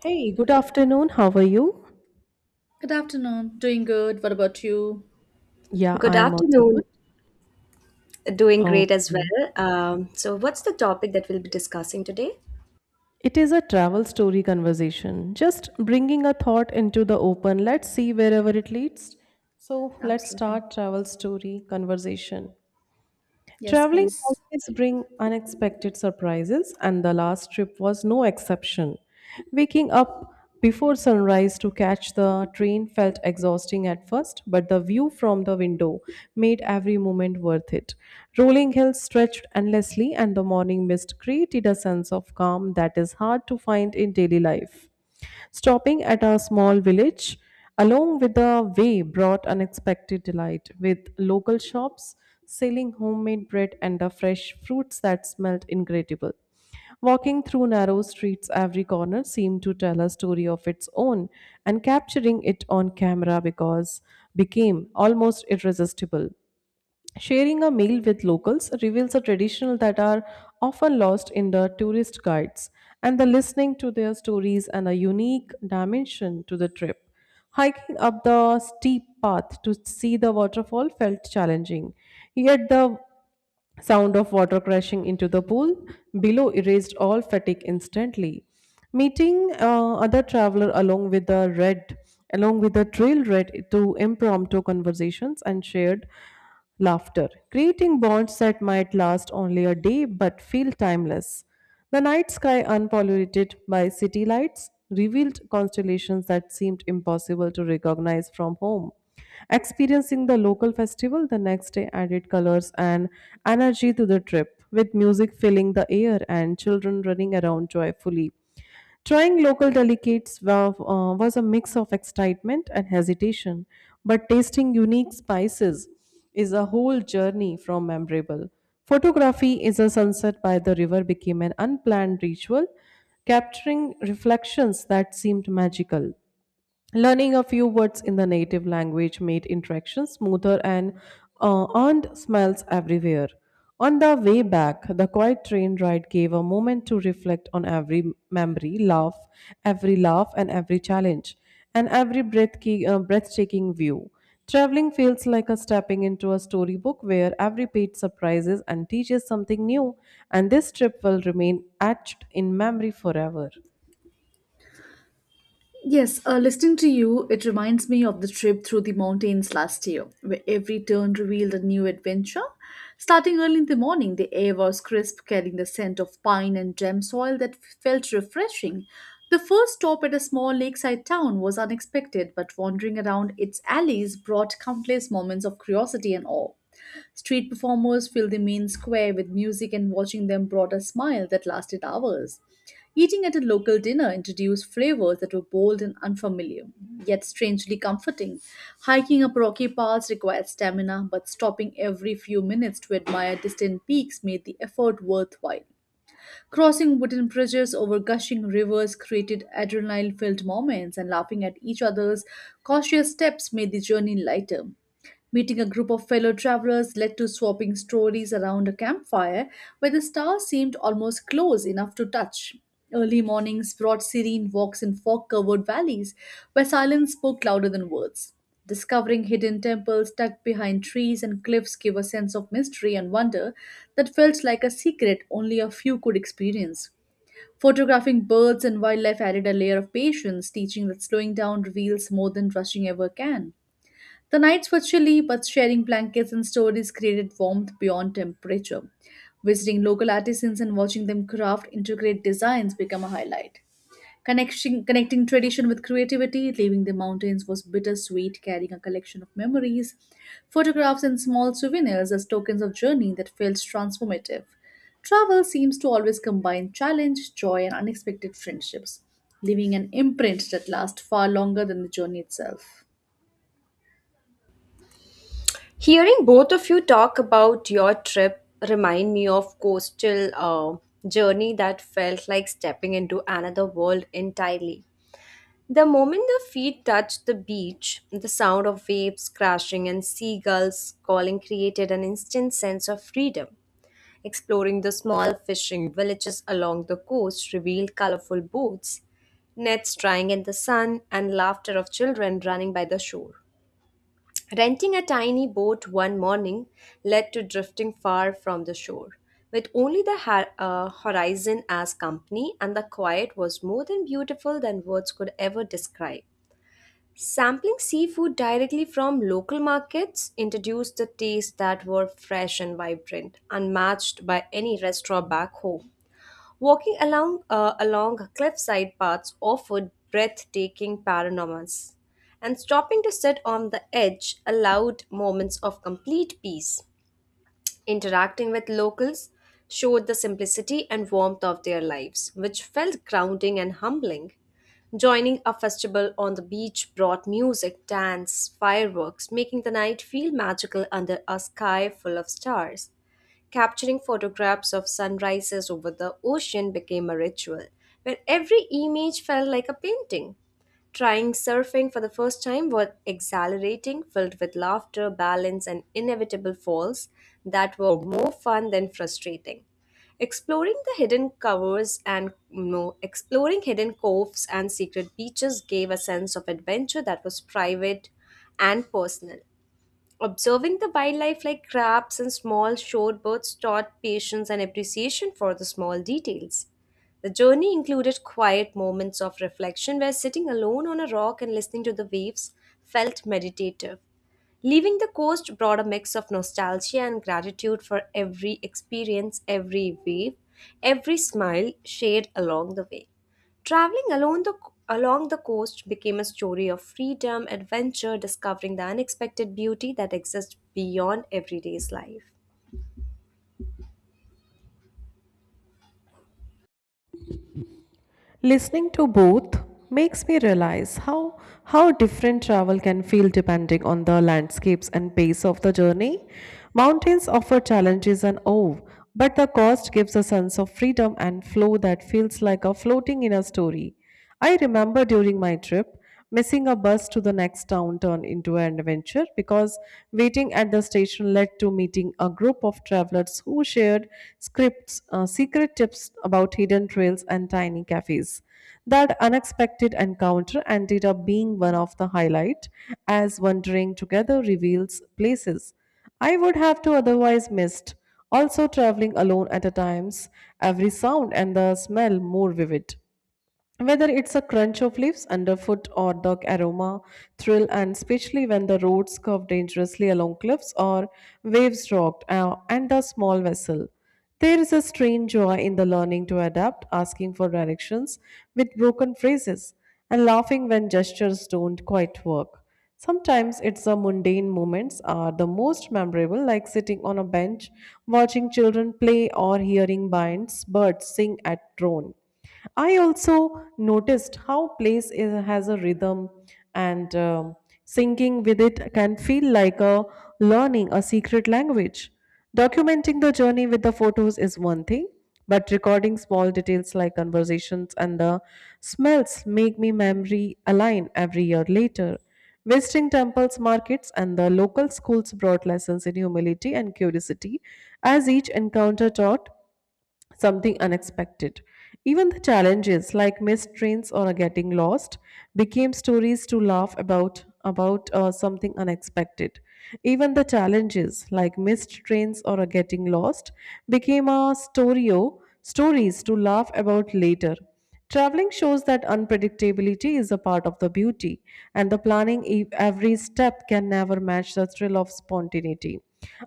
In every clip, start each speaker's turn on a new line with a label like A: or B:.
A: Hey, good afternoon. How are you?
B: Good afternoon. Doing good. What about you?
A: Yeah,
C: Good
A: I am also good.
C: afternoon. Doing great as
A: Okay.
C: well. What's the topic that we'll be discussing today?
A: It is a travel story conversation. Just bringing a thought into the open. Let's see wherever it leads. So, let's
B: Absolutely.
A: start travel story conversation.
B: Yes,
A: Traveling
B: please.
A: always bring unexpected surprises and the last trip was no exception. Waking up before sunrise to catch the train felt exhausting at first, but the view from the window made every moment worth it. Rolling hills stretched endlessly and the morning mist created a sense of calm that is hard to find in daily life. Stopping at a small village along with the way brought unexpected delight with local shops selling homemade bread and the fresh fruits that smelled incredible. Walking through narrow streets, every corner seemed to tell a story of its own, and capturing it on camera because became almost irresistible. Sharing a meal with locals reveals a tradition that are often lost in the tourist guides, and the listening to their stories and a unique dimension to the trip. Hiking up the steep path to see the waterfall felt challenging, yet the sound of water crashing into the pool below erased all fatigue instantly. Meeting other traveler along with the red, along with the trail red to impromptu conversations and shared laughter, creating bonds that might last only a day but feel timeless. The night sky, unpolluted by city lights, revealed constellations that seemed impossible to recognize from home. Experiencing the local festival the next day added colors and energy to the trip, with music filling the air and children running around joyfully. Trying local delicates was a mix of excitement and hesitation, but tasting unique spices is a whole journey from memorable. Photography is a sunset by the river became an unplanned ritual, capturing reflections that seemed magical. Learning a few words in the native language made interaction smoother and earned smiles everywhere. On the way back, the quiet train ride gave a moment to reflect on every memory, laugh, every laugh, and every challenge, and every breathtaking view. Traveling feels like a stepping into a storybook where every page surprises and teaches something new, and this trip will remain etched in memory forever.
B: Yes, listening to you, it reminds me of the trip through the mountains last year, where every turn revealed a new adventure. Starting early in the morning, the air was crisp, carrying the scent of pine and gem soil that felt refreshing. The first stop at a small lakeside town was unexpected, but wandering around its alleys brought countless moments of curiosity and awe. Street performers filled the main square with music, and watching them brought a smile that lasted hours. Eating at a local dinner introduced flavors that were bold and unfamiliar, yet strangely comforting. Hiking up rocky paths required stamina, but stopping every few minutes to admire distant peaks made the effort worthwhile. Crossing wooden bridges over gushing rivers created adrenaline filled moments, and laughing at each other's cautious steps made the journey lighter. Meeting a group of fellow travelers led to swapping stories around a campfire where the stars seemed almost close enough to touch. Early mornings brought serene walks in fog covered valleys where silence spoke louder than words. Discovering hidden temples tucked behind trees and cliffs gave a sense of mystery and wonder that felt like a secret only a few could experience. Photographing birds and wildlife added a layer of patience, teaching that slowing down reveals more than rushing ever can. The nights were chilly, but sharing blankets and stories created warmth beyond temperature. Visiting local artisans and watching them craft intricate designs became a highlight. Connecting tradition with creativity, leaving the mountains was bittersweet, carrying a collection of memories, photographs, and small souvenirs as tokens of journey that felt transformative. Travel seems to always combine challenge, joy, and unexpected friendships, leaving an imprint that lasts far longer than the journey itself.
C: Hearing both of you talk about your trip remind me of coastal journey that felt like stepping into another world entirely. The moment the feet touched the beach, the sound of waves crashing and seagulls calling created an instant sense of freedom. Exploring the small fishing villages along the coast revealed colorful boats, nets drying in the sun, and laughter of children running by the shore. Renting a tiny boat one morning led to drifting far from the shore, with only the horizon as company, and the quiet was more than beautiful than words could ever describe. Sampling seafood directly from local markets introduced the taste that were fresh and vibrant, unmatched by any restaurant back home. Walking along cliffside paths offered breathtaking panoramas, and stopping to sit on the edge allowed moments of complete peace. Interacting with locals showed the simplicity and warmth of their lives, which felt grounding and humbling. Joining a festival on the beach brought music, dance, fireworks, making the night feel magical under a sky full of stars. Capturing photographs of sunrises over the ocean became a ritual, where every image felt like a painting. Trying surfing for the first time was exhilarating, filled with laughter, balance, and inevitable falls that were more fun than frustrating. Exploring the hidden covers and no, exploring hidden coves and secret beaches gave a sense of adventure that was private and personal. Observing the wildlife like crabs and small shorebirds taught patience and appreciation for the small details. The journey included quiet moments of reflection where sitting alone on a rock and listening to the waves felt meditative. Leaving the coast brought a mix of nostalgia and gratitude for every experience, every wave, every smile shared along the way. Traveling along the, along the coast became a story of freedom, adventure, discovering the unexpected beauty that exists beyond everyday's life.
A: Listening to both makes me realize how different travel can feel depending on the landscapes and pace of the journey. Mountains offer challenges and awe, but the coast gives a sense of freedom and flow that feels like a floating in a story. I remember during my trip, missing a bus to the next town turned into an adventure because waiting at the station led to meeting a group of travelers who shared secret tips about hidden trails and tiny cafes. That unexpected encounter ended up being one of the highlight, as wandering together reveals places I would have to otherwise missed. Also, traveling alone at a times, every sound and the smell more vivid. Whether it's a crunch of leaves underfoot or the aroma, thrill, and especially when the roads curve dangerously along cliffs or waves rocked and a small vessel. There is a strange joy in the learning to adapt, asking for directions with broken phrases, and laughing when gestures don't quite work. Sometimes it's the mundane moments are the most memorable, like sitting on a bench, watching children play, or hearing binds, birds sing at drone. I also noticed how place is, has a rhythm, and singing with it can feel like a learning a secret language. Documenting the journey with the photos is one thing, but recording small details like conversations and the smells make me memory align every year later. Visiting temples, markets, and the local schools brought lessons in humility and curiosity, as each encounter taught something unexpected. Even the challenges like missed trains or getting lost became stories to laugh about something unexpected. Even the challenges like missed trains or getting lost became a story stories to laugh about later. Traveling shows that unpredictability is a part of the beauty, and the planning every step can never match the thrill of spontaneity.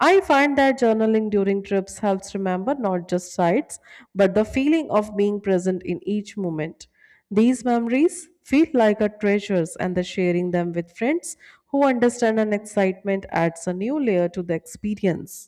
A: I find that journaling during trips helps remember not just sights, but the feeling of being present in each moment. These memories feel like a treasures, and the sharing them with friends who understand an excitement adds a new layer to the experience.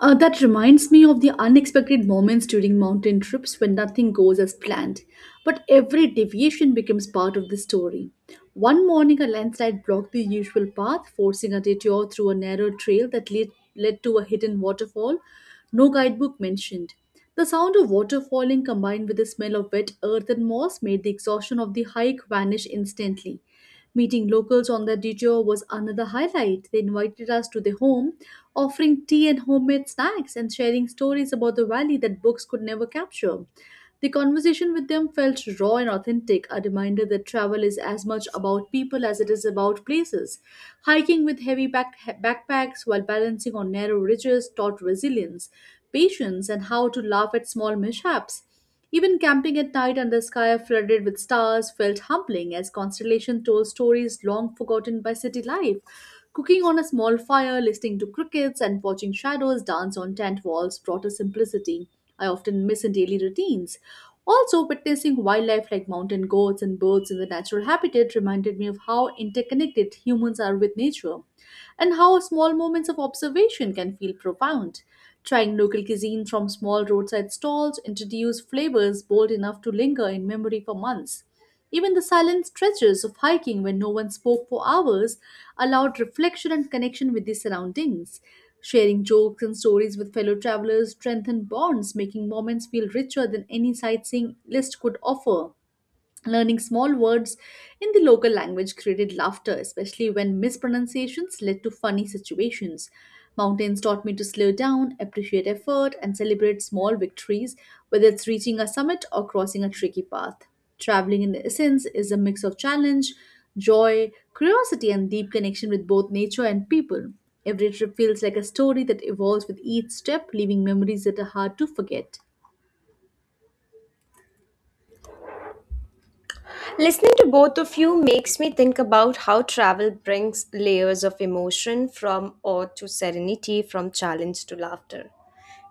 B: That reminds me of the unexpected moments during mountain trips when nothing goes as planned, but every deviation becomes part of the story. One morning, a landslide blocked the usual path, forcing a detour through a narrow trail that led to a hidden waterfall, no guidebook mentioned. The sound of water falling combined with the smell of wet earth and moss made the exhaustion of the hike vanish instantly. Meeting locals on the detour was another highlight. They invited us to their home, offering tea and homemade snacks and sharing stories about the valley that books could never capture. The conversation with them felt raw and authentic, a reminder that travel is as much about people as it is about places. Hiking with heavy backpacks while balancing on narrow ridges taught resilience, patience, and how to laugh at small mishaps. Even camping at night under a sky flooded with stars felt humbling as constellations told stories long forgotten by city life. Cooking on a small fire, listening to crickets, and watching shadows dance on tent walls brought a simplicity I often miss in daily routines. Also, witnessing wildlife like mountain goats and birds in the natural habitat reminded me of how interconnected humans are with nature and how small moments of observation can feel profound. Trying local cuisine from small roadside stalls introduced flavors bold enough to linger in memory for months. Even the silent stretches of hiking when no one spoke for hours allowed reflection and connection with the surroundings. Sharing jokes and stories with fellow travelers strengthened bonds, making moments feel richer than any sightseeing list could offer. Learning small words in the local language created laughter, especially when mispronunciations led to funny situations. Mountains taught me to slow down, appreciate effort, and celebrate small victories, whether it's reaching a summit or crossing a tricky path. Traveling, in essence, is a mix of challenge, joy, curiosity, and deep connection with both nature and people. Every trip feels like a story that evolves with each step, leaving memories that are hard to forget.
C: Listening to both of you makes me think about how travel brings layers of emotion from awe to serenity, from challenge to laughter.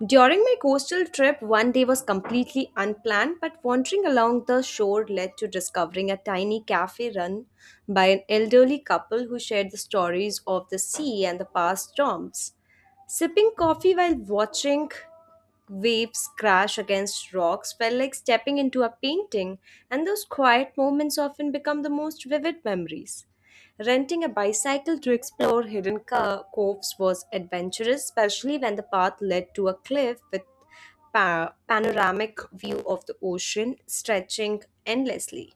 C: During my coastal trip, one day was completely unplanned, but wandering along the shore led to discovering a tiny cafe run by an elderly couple who shared the stories of the sea and the past storms. Sipping coffee while watching waves crash against rocks felt like stepping into a painting, and those quiet moments often become the most vivid memories. Renting a bicycle to explore coves was adventurous, especially when the path led to a cliff with panoramic view of the ocean stretching endlessly.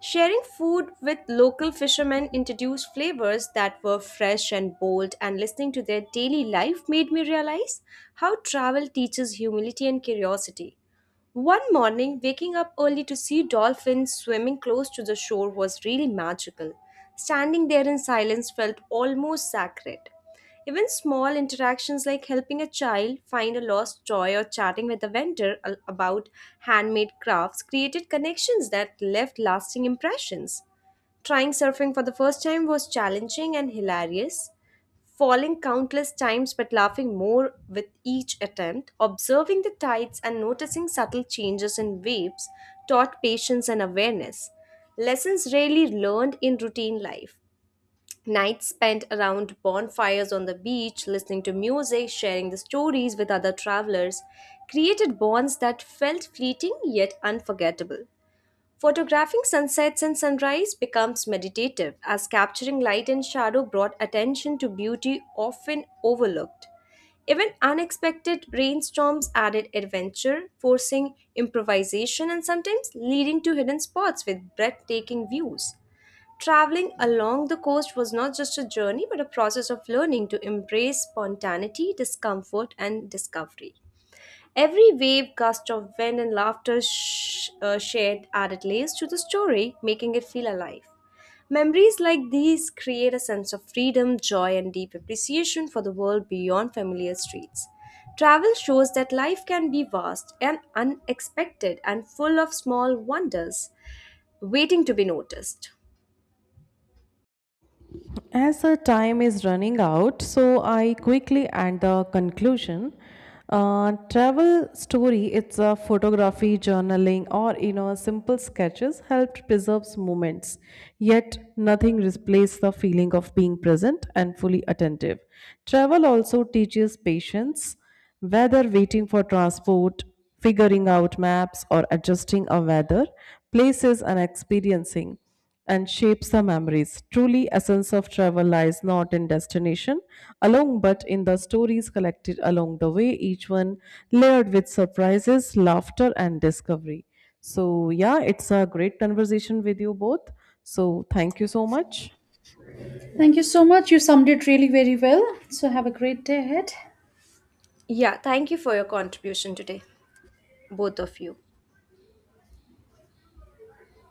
C: Sharing food with local fishermen introduced flavors that were fresh and bold, and listening to their daily life made me realize how travel teaches humility and curiosity. One morning, waking up early to see dolphins swimming close to the shore was really magical. Standing there in silence felt almost sacred. Even small interactions like helping a child find a lost toy or chatting with a vendor about handmade crafts created connections that left lasting impressions. Trying surfing for the first time was challenging and hilarious, falling countless times but laughing more with each attempt, observing the tides and noticing subtle changes in waves taught patience and awareness. Lessons rarely learned in routine life. Nights spent around bonfires on the beach, listening to music, sharing the stories with other travelers, created bonds that felt fleeting yet unforgettable. Photographing sunsets and sunrise becomes meditative as capturing light and shadow brought attention to beauty often overlooked. Even unexpected rainstorms added adventure, forcing improvisation and sometimes leading to hidden spots with breathtaking views. Traveling along the coast was not just a journey but a process of learning to embrace spontaneity, discomfort, and discovery. Every wave, gust of wind, and laughter shared added layers to the story, making it feel alive. Memories like these create a sense of freedom, joy, and deep appreciation for the world beyond familiar streets. Travel shows that life can be vast and unexpected and full of small wonders waiting to be noticed.
A: As the time is running out, so I quickly add the conclusion. Travel story, it's a photography, journaling, or you know, simple sketches helped preserves moments. Yet nothing replaces the feeling of being present and fully attentive. Travel also teaches patience, whether waiting for transport, figuring out maps, or adjusting a weather, places, and experiencing and shapes our memories. Truly, essence of travel lies not in destination alone, but in the stories collected along the way, each one layered with surprises, laughter, and discovery. So, yeah, it's a great conversation with you both. So, thank you so much.
B: Thank you so much. You summed it really very well. So have a great day ahead.
C: Yeah, thank you for your contribution today, both of you.